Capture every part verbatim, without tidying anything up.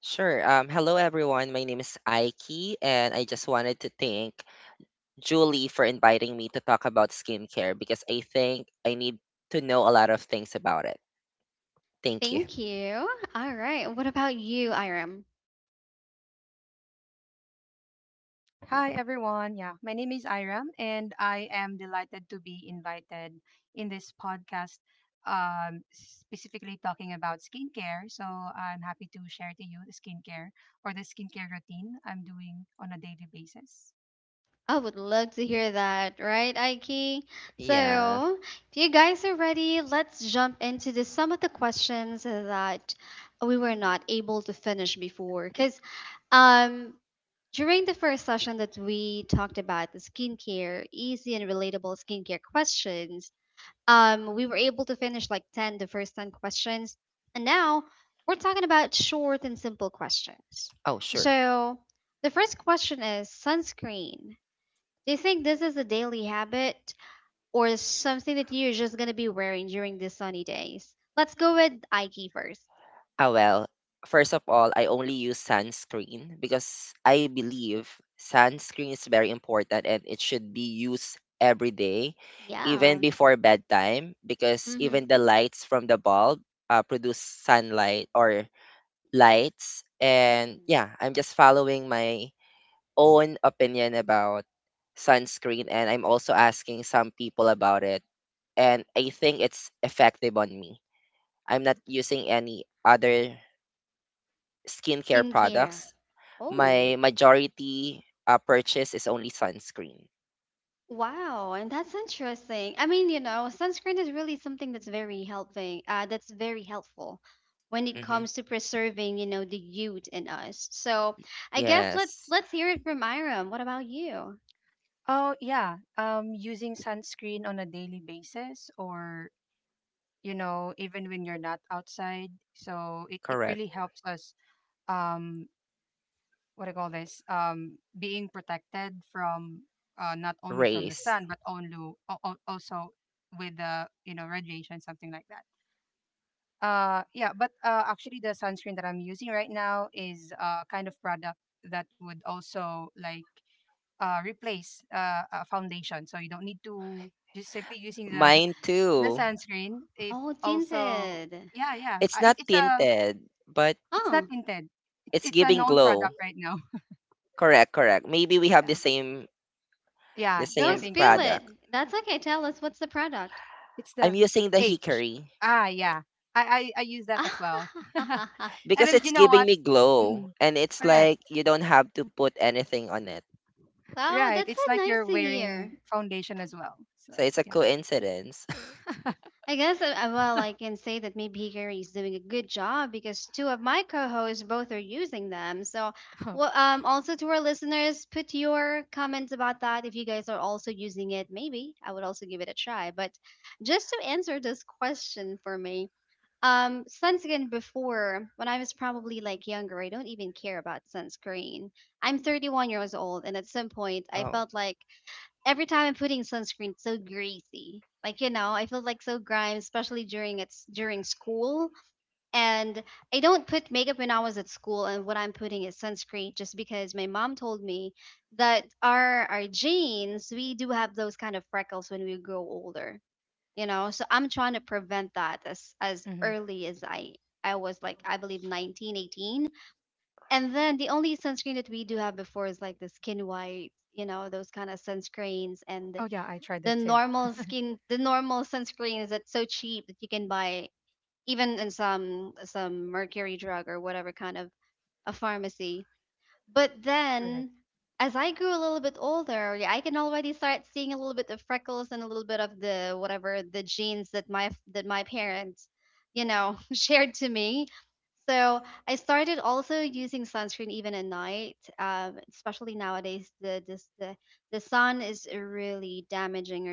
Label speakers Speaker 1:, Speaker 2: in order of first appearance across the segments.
Speaker 1: Sure. Um, hello, everyone. My name is Aiki, and I just wanted to thank Julie for inviting me to talk about skincare because I think I need to know a lot of things about it. Thank you.
Speaker 2: Hi everyone. Yeah, my name is Iram and I am delighted to be invited in this podcast um specifically talking about skincare. So I'm happy to share to you the skincare or the skincare routine I'm doing on a daily basis.
Speaker 1: Yeah. Oh, sure. Ah, well, first of all, I only use sunscreen because I believe sunscreen is very important and it should be used every day, even before bedtime, because even the lights from the bulb uh, produce sunlight or lights. And yeah, I'm just following my own opinion about sunscreen and I'm also asking some people about it. And I think it's effective on me. I'm not using any other skincare products. My majority uh, purchase is only sunscreen. hmm Yes,
Speaker 2: Oh yeah, um using sunscreen on a daily basis or you know even when you're not outside. So it it
Speaker 1: correct.
Speaker 2: really helps us um what do you call this? Um being protected from uh not only from the
Speaker 1: Rays.
Speaker 2: sun but only al- al- also with the you know radiation, something like that. Uh yeah, but uh actually, the sunscreen that I'm using right now is a kind of product that would also like uh replace uh, a foundation, so you don't need to just simply using the
Speaker 1: Mine
Speaker 2: the
Speaker 1: too.
Speaker 2: sunscreen. It also, yeah, yeah,
Speaker 1: It's
Speaker 2: uh, it,
Speaker 1: not
Speaker 2: it's a
Speaker 1: tinted, but
Speaker 2: it's not tinted, it's
Speaker 1: it's
Speaker 2: it's a
Speaker 1: giving
Speaker 2: known product
Speaker 1: glow.
Speaker 2: right now.
Speaker 1: Correct, correct. Maybe we have the
Speaker 2: Yeah,
Speaker 1: same the
Speaker 2: yeah, I
Speaker 1: same
Speaker 2: think so.
Speaker 1: product.
Speaker 2: It's
Speaker 1: I'm
Speaker 2: the
Speaker 1: using the
Speaker 2: H.
Speaker 1: Hickory
Speaker 2: Ah, yeah. I, I, I use that as well. And
Speaker 1: because
Speaker 2: then,
Speaker 1: it's
Speaker 2: you know
Speaker 1: giving
Speaker 2: what?
Speaker 1: me glow
Speaker 2: Mm-mm.
Speaker 1: and it's
Speaker 2: Correct.
Speaker 1: like you don't have to put anything on it.
Speaker 2: Right. It's like you're wearing foundation as well. So,
Speaker 1: So it's a
Speaker 2: yeah.
Speaker 1: coincidence. Oh,
Speaker 2: Hmm. Oh, yeah. I tried that too. Correct.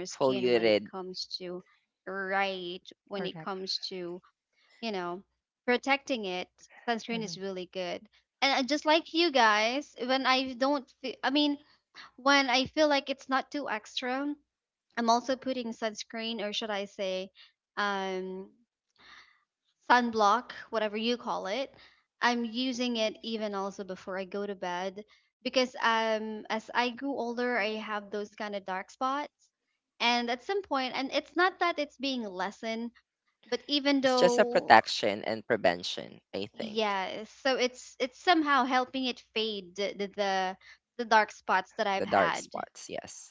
Speaker 1: foliated.
Speaker 2: Correct. Hmm.
Speaker 1: It's just a protection and prevention, I think. The dark spots, yes.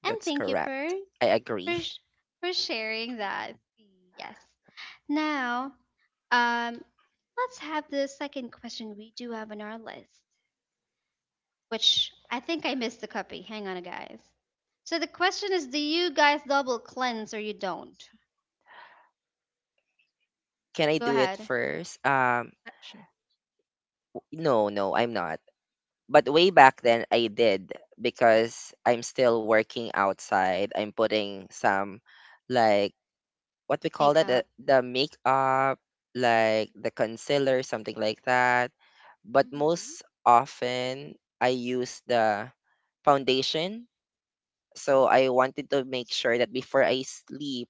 Speaker 1: That's correct. I agree. Can I do it first? Um
Speaker 2: Sure.
Speaker 1: no, no, I'm not. But way back then I did because I'm still working outside. I'm putting some like what we call that the, the makeup like the concealer, something like that, but most often I use the foundation. So I wanted to make sure that before I sleep,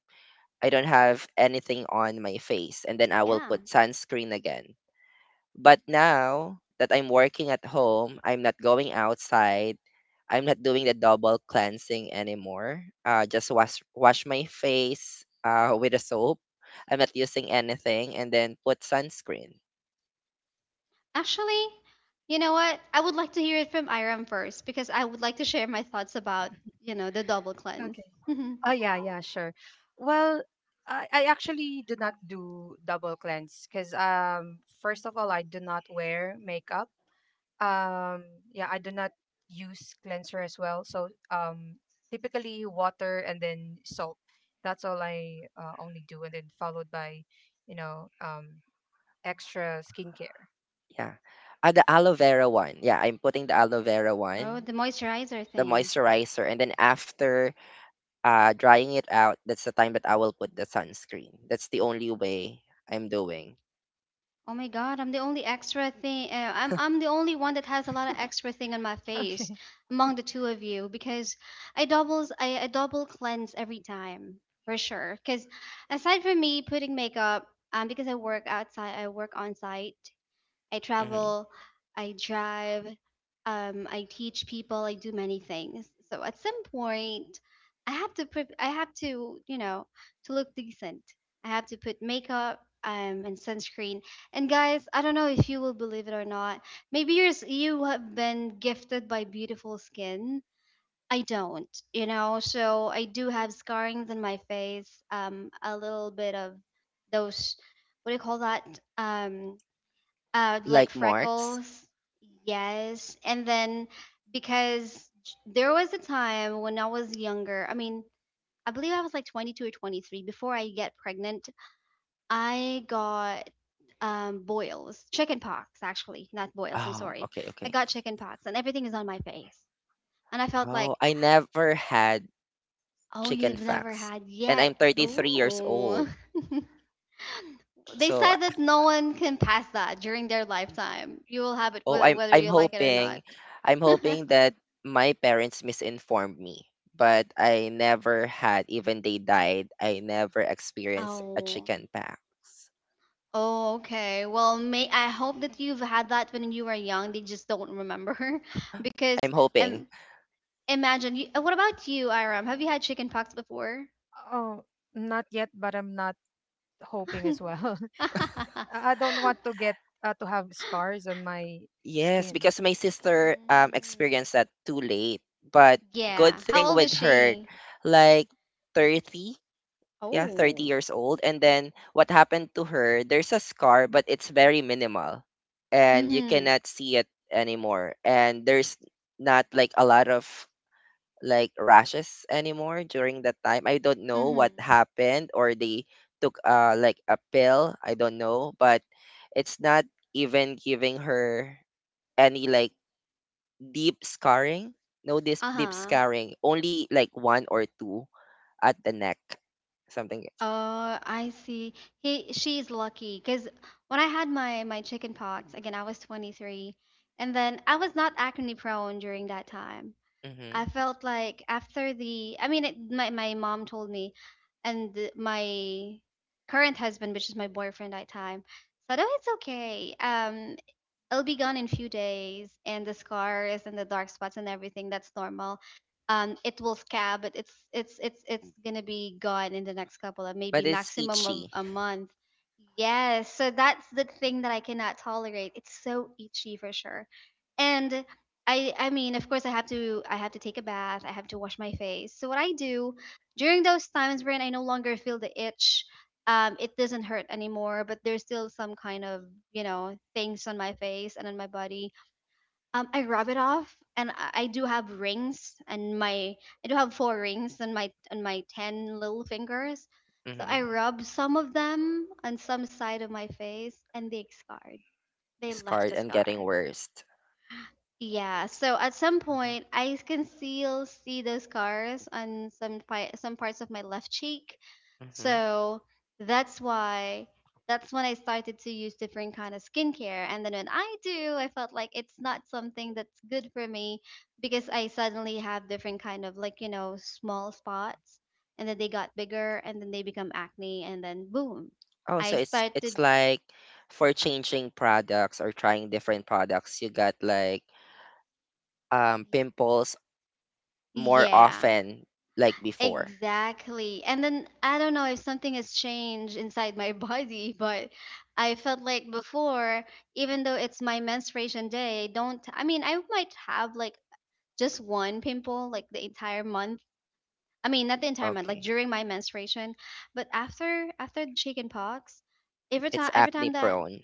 Speaker 1: I don't have anything on my face, and then I will put sunscreen again. But now that I'm working at home, I'm not going outside. I'm not doing the double cleansing anymore. Uh, just wash wash my face uh, with a soap. I'm not using anything, and then put sunscreen.
Speaker 2: Okay. Oh, yeah. Yeah. Sure. Well, I, I actually do not do double cleanse because, um, first of all, I do not wear makeup. um yeah, I do not use cleanser as well, so um typically water and then soap, that's all I uh, only do, and then followed by you know um extra skincare.
Speaker 1: Yeah, uh, the aloe vera one. Yeah, I'm putting the aloe vera one, the moisturizer, and then after uh, drying it out, that's the time that I will put the sunscreen. That's the only way I'm doing.
Speaker 2: Okay.
Speaker 1: hmm Like marks. Oh, okay, okay. Oh, I never had chicken facts, and I'm thirty-three years old. So, oh, I'm I'm hoping, I'm hoping that my parents misinformed me. But I never had, even they died, I never experienced a chicken pox. I'm hoping.
Speaker 2: Oh, not yet, but I'm not hoping as well. I I don't want to get uh, to have scars on my
Speaker 1: Yes,
Speaker 2: skin.
Speaker 1: because my sister um experienced that too late. But good thing with her, like thirty. Yeah, thirty years old. And then what happened to her, there's a scar, but it's very minimal and you cannot see it anymore. And there's not like a lot of like rashes anymore during that time. I don't know what happened or they took uh like a pill, I don't know, but it's not even giving her any like deep scarring. No this deep scarring, only like one or two at the neck, something. Mm-hmm. But it's itchy, mhm, scarred and getting worse. Mhm, mhm. Oh, so it's it's like for changing products or trying different products, you got like um pimples more often like before. Okay, it's acne prone.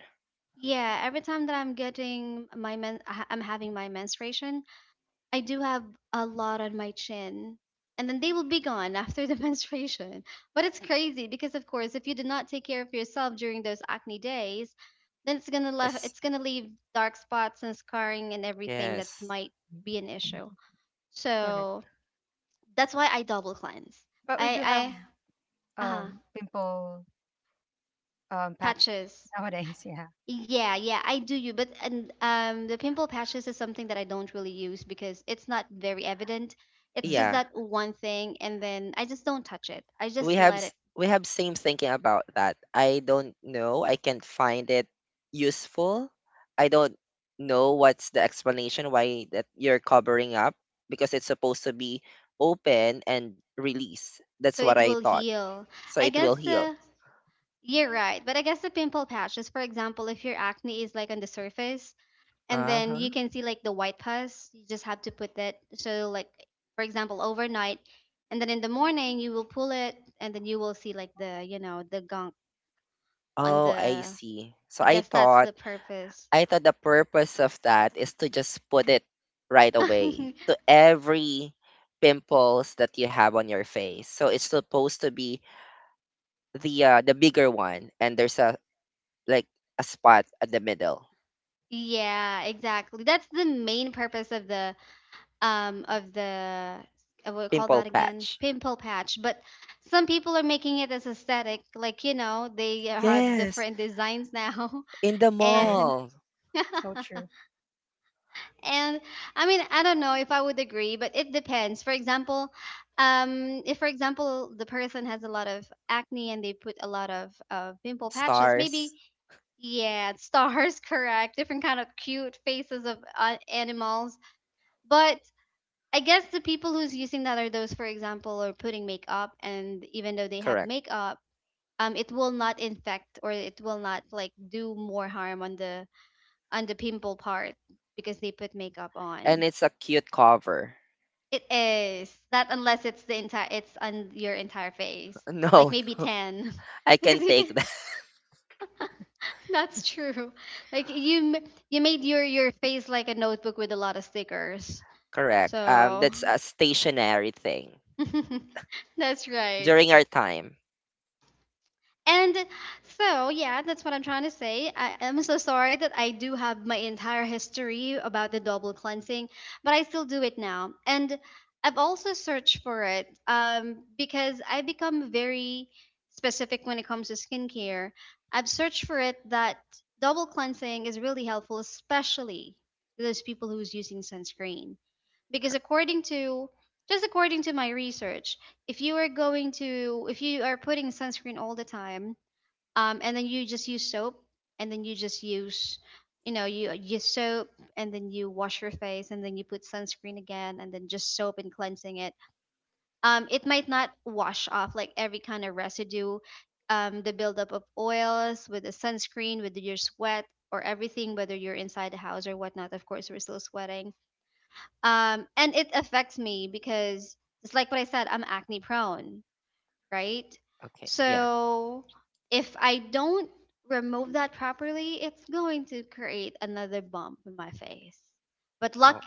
Speaker 1: Yes, yes,
Speaker 2: Mhm. Correct. But we do have um pimple um patch nowadays, yeah. Mm,
Speaker 1: yeah. We have s- we have same thinking about that. I don't know. I can't find it useful. I don't know what's the explanation why that you're covering up because it's supposed to be open and release. That's what I thought. So it will heal. Uh-huh. Oh, I see. So I thought I thought the purpose of that is to just put it right away to every pimples that you have on your face. So it's supposed to be the uh, the bigger one and there's a like a spot at the middle. Pimple patch, yes. In the
Speaker 2: right.
Speaker 1: mall,
Speaker 2: So true.
Speaker 1: stars, correct. And it's a cute cover. No, I can take that. Correct. Um that's a stationary thing during our time. Cor- okay, yeah. Oh.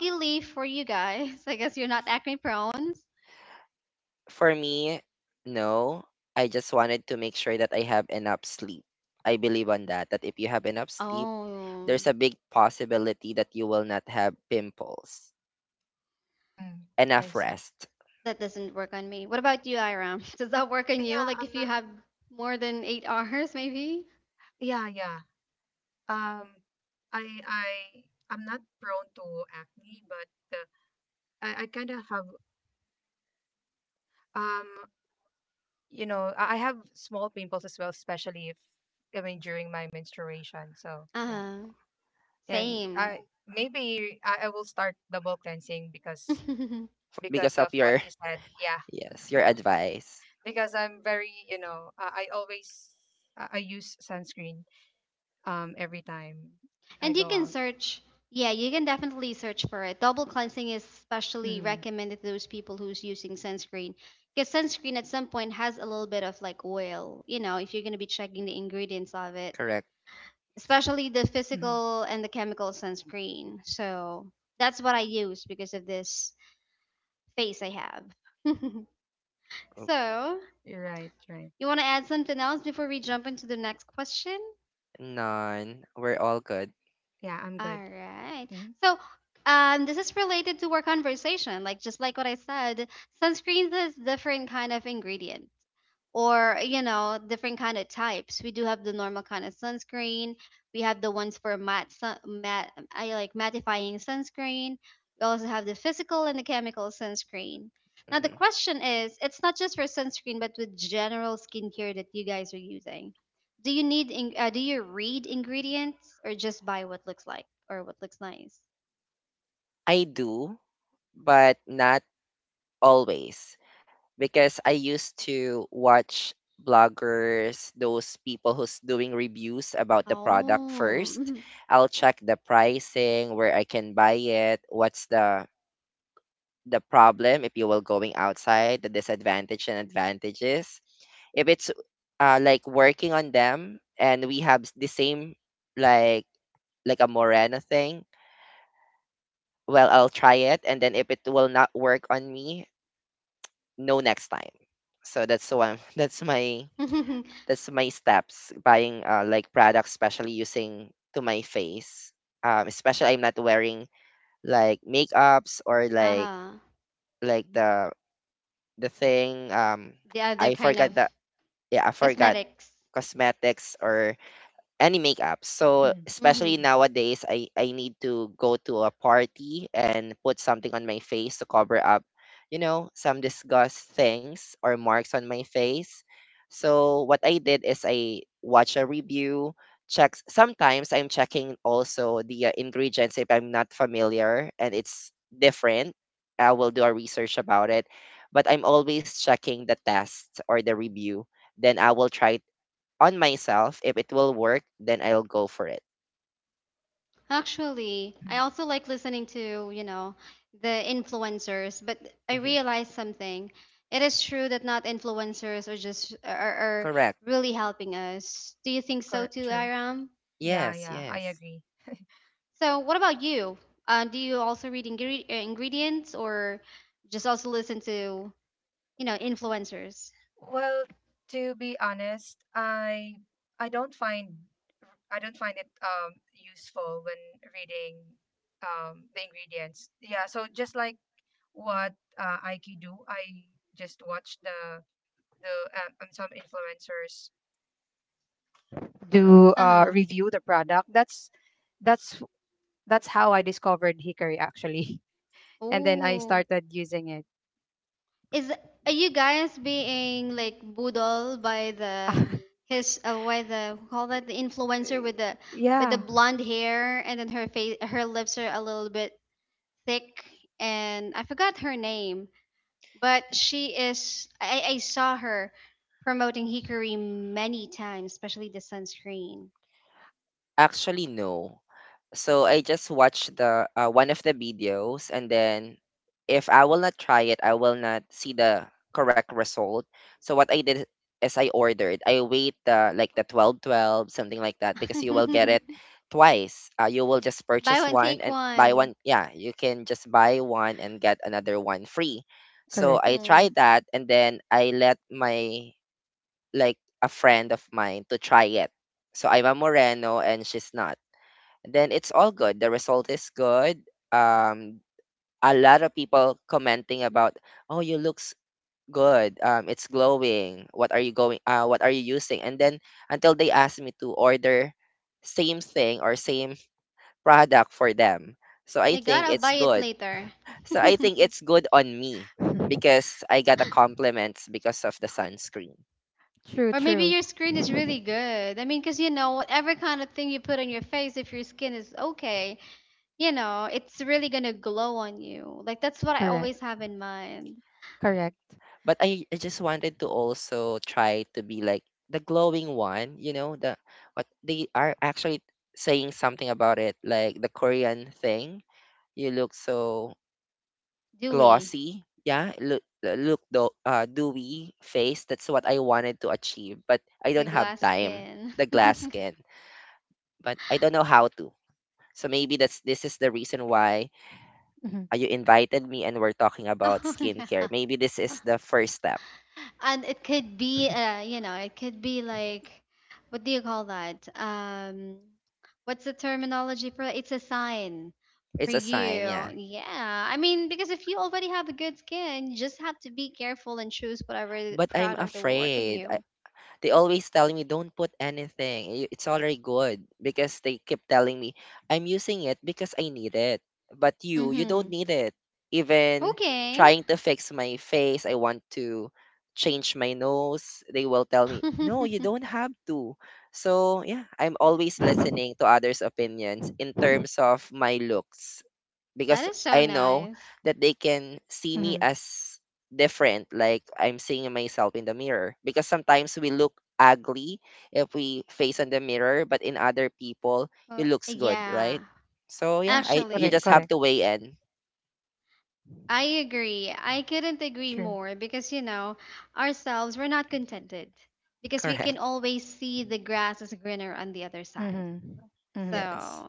Speaker 1: For me, no, I just wanted to make sure that I have enough sleep. I believe on that, that if you have enough sleep, there's a big possibility that you will not have pimples.
Speaker 2: Mm, I
Speaker 1: Enough
Speaker 2: see.
Speaker 1: rest.
Speaker 2: Yeah, I'm not, yeah, yeah. Um, I I I'm not prone to acne, but uh, I I kind of have um you know I I have small pimples as well, especially if I mean during my menstruation. So yeah, and I maybe I, I will start double cleansing because because
Speaker 1: Because
Speaker 2: of
Speaker 1: of
Speaker 2: what
Speaker 1: your,
Speaker 2: you said. Yeah,
Speaker 1: yes, your advice.
Speaker 2: because I'm very, you know, I, I always I, I use sunscreen um every time I go out. Mm-hmm.
Speaker 1: Correct.
Speaker 2: Mm-hmm.
Speaker 1: Oh,
Speaker 2: You're right, right.
Speaker 1: none, we're all good.
Speaker 2: Yeah, I'm good. Mm-hmm.
Speaker 1: hmm I do, but not always, because I used to watch bloggers, those people who's doing reviews about the product first. I'll check the pricing, where I can buy it, what's the the problem if you will going outside, the disadvantage and advantages, if it's uh, like working on them and we have s- the same like like a morena thing. Well, I'll try it, and then if it will not work on me, no next time. So that's the one. That's my, that's my steps buying uh, like products, especially using to my face. Um especially I'm not wearing like makeups or like like the The thing, um, I forgot that. Yeah, I forgot cosmetics or any makeup. So
Speaker 2: Mm-hmm.
Speaker 1: especially nowadays, I I need to go to a party and put something on my face to cover up, you know, some disgust things or marks on my face. So what I did is I watch a review, checks. Sometimes I'm checking also the uh, ingredients if I'm not familiar and it's different. I will do a research about it, but I'm always checking the test or the review. Then I will try on myself. If it will work, then I'll go for it.
Speaker 2: Mm-hmm.
Speaker 1: hmm Correct.
Speaker 2: Correct. True. Yeah,
Speaker 1: Yes,
Speaker 2: yeah, I
Speaker 1: yes.
Speaker 2: agree. Well, to be honest, I I don't find I don't find it um useful when reading um the ingredients. Yeah, so just like what uh, Aiki do, I just watch the the uh, um, some influencers do uh review the product. That's that's that's how I discovered Hickory actually, and then I started using it. Yeah,
Speaker 1: Actually, no. So I just watched the uh, one of the videos, and then if I will not try it, I will not see the correct result. So what I did is I ordered. I wait the like the twelve twelve, something like that, because you will get it twice. Uh, you will just purchase one and buy one. Yeah, you can just buy one and get another one free. So
Speaker 2: correct.
Speaker 1: I tried that, and then I let my like a friend of mine to try it. So I'm a Moreno, and she's not, then it's all good. The result is good. Um, a lot of people commenting about, oh, you looks good. Um, it's glowing. What are you going? Uh, what are you using? And then until they ask me to order same thing or same product for them. So I think it's good. So I think it's good on me because I got a compliments because of the sunscreen.
Speaker 2: True, true. Correct, correct.
Speaker 1: But I, I just wanted to also try to be like the glowing one, you know, the what they are actually saying something about it, like the Korean thing. You look so glossy, yeah. Look, look the uh, dewy face. That's what I wanted to achieve, but I don't have time. The glass skin, but I don't know how to. So maybe that's this is the reason why
Speaker 2: Mhm,
Speaker 1: uh, you invited me and we're talking about skincare. Maybe this is the first step. It's a sign, yeah. But I'm afraid. I, they always tell me don't put anything. i- It's already good because they keep telling me I'm using it because I need it. But you, you don't need it. Even trying to fix my face, I want to change my nose. They will tell me, "No, you don't have to." So, yeah, I'm always listening to others' opinions in terms of my looks because I know that they can see me
Speaker 2: mhm.
Speaker 1: as different, like I'm seeing myself in the mirror. Because sometimes we look ugly if we face on the mirror, but in other people, it looks good, right? So yeah, I you
Speaker 2: Correct,
Speaker 1: just have
Speaker 2: correct.
Speaker 1: to weigh in.
Speaker 2: True.
Speaker 1: Correct.
Speaker 2: Mhm, mhm.
Speaker 1: Yes.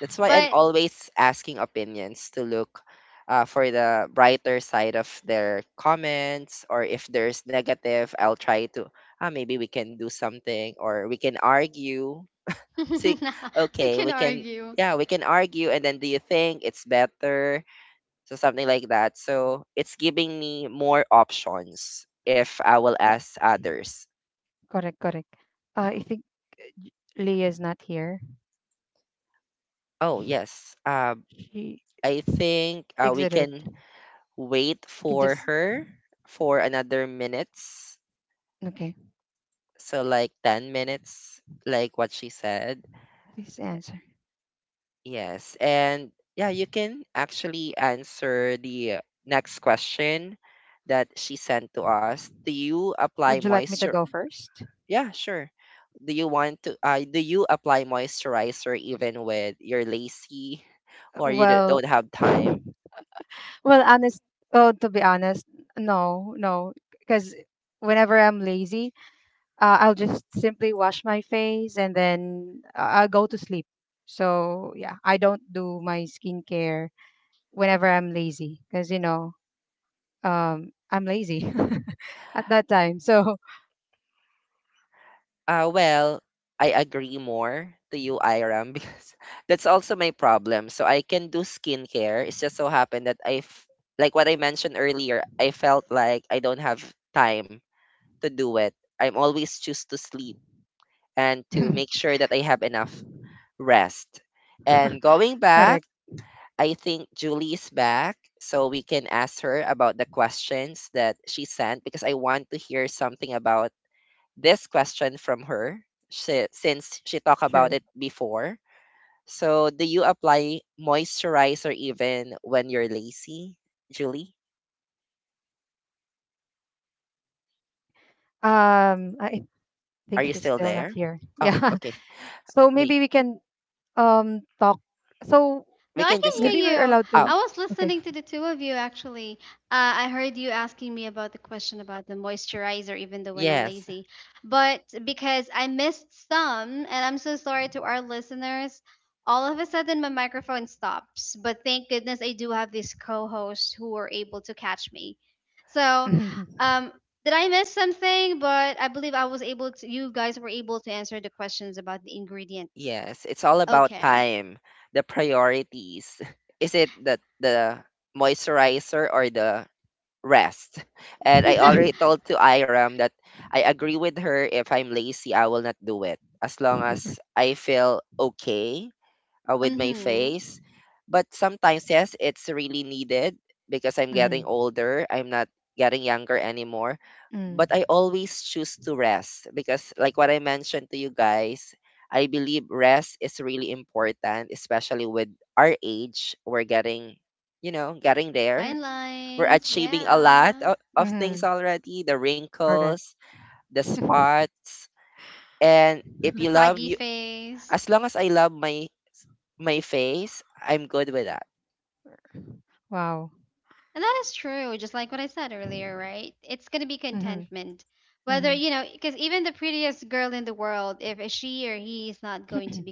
Speaker 1: That's why I'm always asking opinions to look uh, for the brighter side of their comments, or if there's negative, I'll try to ah, maybe we can do something or we can argue. See, okay, we can, yeah, we can argue. And then do you think it's better? So something like that. So it's giving me more options if I will ask others.
Speaker 2: Correct, correct. Uh, I think uh, J- Leah is not here.
Speaker 1: Oh,
Speaker 2: She,
Speaker 1: yes. Um,
Speaker 2: she
Speaker 1: I think uh, we
Speaker 2: exited.
Speaker 1: can wait
Speaker 2: We can
Speaker 1: for
Speaker 2: just
Speaker 1: her for another minutes.
Speaker 2: okay.
Speaker 1: So like ten minutes, like what she said.
Speaker 2: Please answer.
Speaker 1: Yes. And yeah, you can actually answer the next question that she sent to us. Do you apply
Speaker 2: Would you like me to
Speaker 1: moisture?
Speaker 2: go first?
Speaker 1: Yeah, sure. Do you want to uh, do you apply moisturizer even when you're lazy
Speaker 2: Uh,
Speaker 1: or you don't
Speaker 2: Well,
Speaker 1: don't have time?
Speaker 2: well, honest. Oh, to be honest, no, no. Because whenever I'm lazy, uh, I'll just simply wash my face and then I- I'll go to sleep. So yeah, I don't do my skincare whenever I'm lazy because you know um, I'm lazy at that time. So
Speaker 1: Uh well, I agree more to you, Iram, because that's also my problem. So I can do skincare. It's just so happened that I f- like what I mentioned earlier, I felt like I don't have time to do it. I'm always choose to sleep and to make sure that I have enough rest. And going back,
Speaker 2: correct,
Speaker 1: I think Julie's back, so we can ask her about the questions that she sent because I want to hear something about this question from her. She since she talked about
Speaker 2: true.
Speaker 1: it before. So, do you apply moisturizer even when you're lazy, Julie?
Speaker 2: Okay. Um, I
Speaker 1: Are
Speaker 2: think
Speaker 1: you
Speaker 2: she's
Speaker 1: still
Speaker 2: still not
Speaker 1: there?
Speaker 2: here.
Speaker 1: Oh,
Speaker 2: Yeah.
Speaker 1: okay.
Speaker 2: So
Speaker 1: Me,
Speaker 2: maybe we can um talk. So
Speaker 1: we can just con-
Speaker 2: maybe we're allowed to.
Speaker 1: oh
Speaker 2: Okay.
Speaker 1: yes. Yes, it's all about time, the priorities. Is it the the moisturizer or the rest? And I already told to Iram that I agree with her, if I'm lazy, I will not do it as long as I feel okay uh, with my face. But sometimes, yes, it's really needed because I'm
Speaker 2: Mm-hmm.
Speaker 1: getting older. I'm not getting younger anymore. But I
Speaker 2: Mm-hmm.
Speaker 1: always choose to rest because, like what I mentioned to you guys, I believe rest is really important, especially with our age. We're getting, you know, getting there. We're achieving a lot of, of things
Speaker 2: Mm-hmm.
Speaker 1: already, the
Speaker 2: Correct.
Speaker 1: wrinkles, the spots. And if you love you, as long as I love my my face, I'm good with that.
Speaker 2: Wow. Mm-hmm. Mhm. Mhm.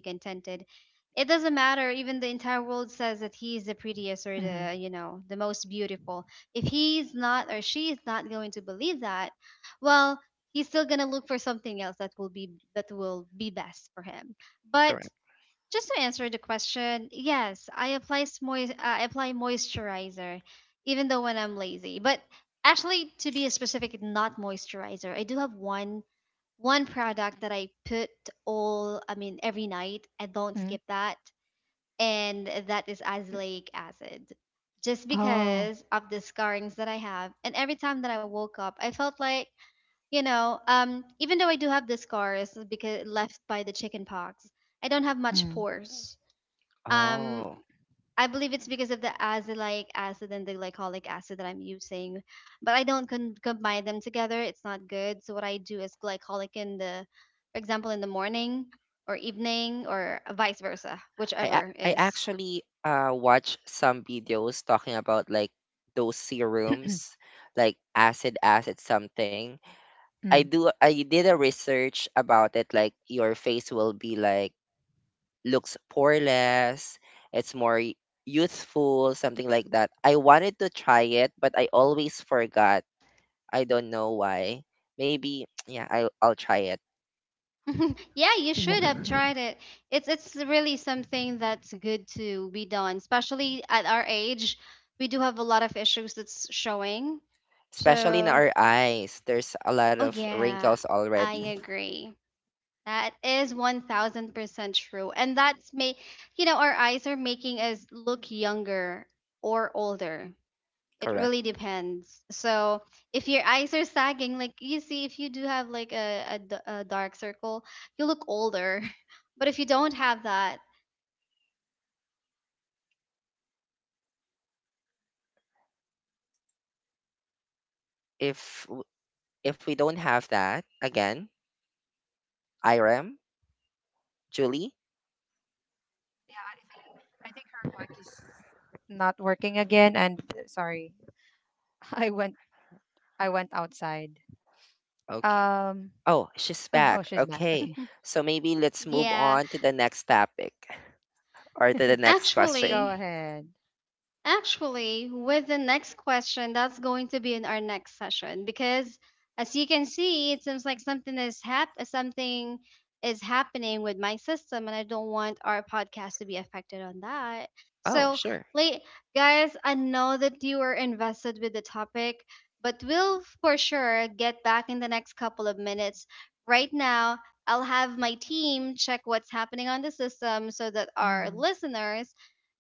Speaker 2: Mhm.
Speaker 1: Correct.
Speaker 2: Oh. Mm.
Speaker 1: Oh. I ac- I actually uh watch some videos talking about like those serums, like acid acid something. I
Speaker 2: Mm.
Speaker 1: do I did a research about it, like your face will be like looks poreless, it's more y- youthful, something like that. I wanted to try it, but I always forgot. I don't know why. Maybe yeah, I I'll try it.
Speaker 2: Yeah.
Speaker 1: Especially in our eyes there's a lot of wrinkles already. Correct. if w- if we don't have that again. Irem, Julie.
Speaker 2: Yeah, I think I think her mic is not working again, and uh, sorry. I went I went outside.
Speaker 1: Okay,
Speaker 2: Um
Speaker 1: oh, she's
Speaker 2: oh, oh
Speaker 1: back,
Speaker 2: she's back.
Speaker 1: okay.
Speaker 2: Okay.
Speaker 1: So maybe let's move
Speaker 3: Yeah,
Speaker 1: on to the next topic or to the next question.
Speaker 2: Go
Speaker 3: actually,
Speaker 2: ahead.
Speaker 3: Actually, with the next question, that's going to be in our next session because as you can see, it seems like something is hap- something is happening with my system and I don't want our podcast to be affected on that.
Speaker 1: Oh,
Speaker 3: So,
Speaker 1: sure,
Speaker 3: late guys, I know that you are invested with the topic, but we'll for sure get back in the next couple of minutes. Right now, I'll have my team check what's happening on the system so that our
Speaker 2: Mm.
Speaker 3: listeners,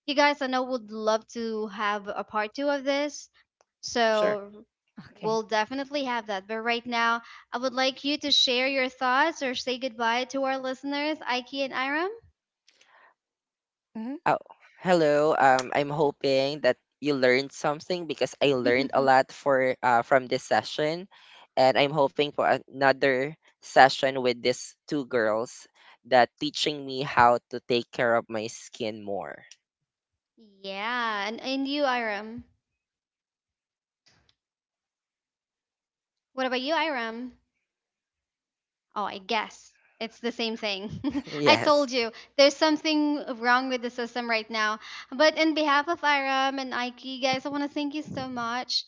Speaker 3: you guys, I know, would love to have a part two of this.
Speaker 1: sure.
Speaker 3: So
Speaker 2: Okay.
Speaker 3: we'll definitely have that. But right now, I would like you to share your thoughts or say goodbye to our listeners, Aiki and Iram.
Speaker 2: Mhm.
Speaker 1: Oh, hello. Um, I'm hoping that you learned something because I learned a lot for uh, from this session, and I'm hoping for another session with these two girls that teaching me how to take care of my skin more.
Speaker 3: Yeah, and, and you, Iram. What about you, Iram? Oh, I guess it's the same thing. I
Speaker 1: Yes.
Speaker 3: told you there's something wrong with the system right now. But in behalf of Iram and Ike, guys, I want to thank you so much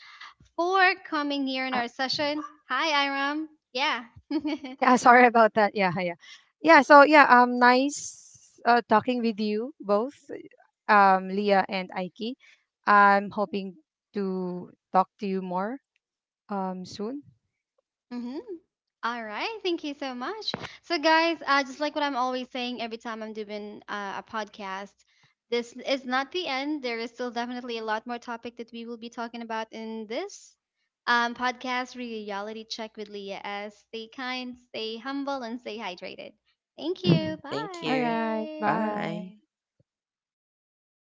Speaker 3: for coming here in
Speaker 2: Uh,
Speaker 3: our session. Hi, Iram. Yeah.
Speaker 2: yeah, sorry about that. Yeah, yeah. Yeah, so yeah, um nice uh, talking with you both, um Leah and Aiki. I'm hoping to talk to you more um soon.
Speaker 3: Mm-hmm. All right. Thank you so much. So, guys, uh, just like what I'm always saying every time I'm doing uh, a podcast, this is not the end. There is still definitely a lot more topic that we will be talking about in this um, podcast reality check with Leah S. Stay kind, stay humble, and stay hydrated. Thank you.
Speaker 1: Thank
Speaker 2: All
Speaker 1: you.
Speaker 2: right,
Speaker 3: Bye.
Speaker 1: Bye.
Speaker 2: bye.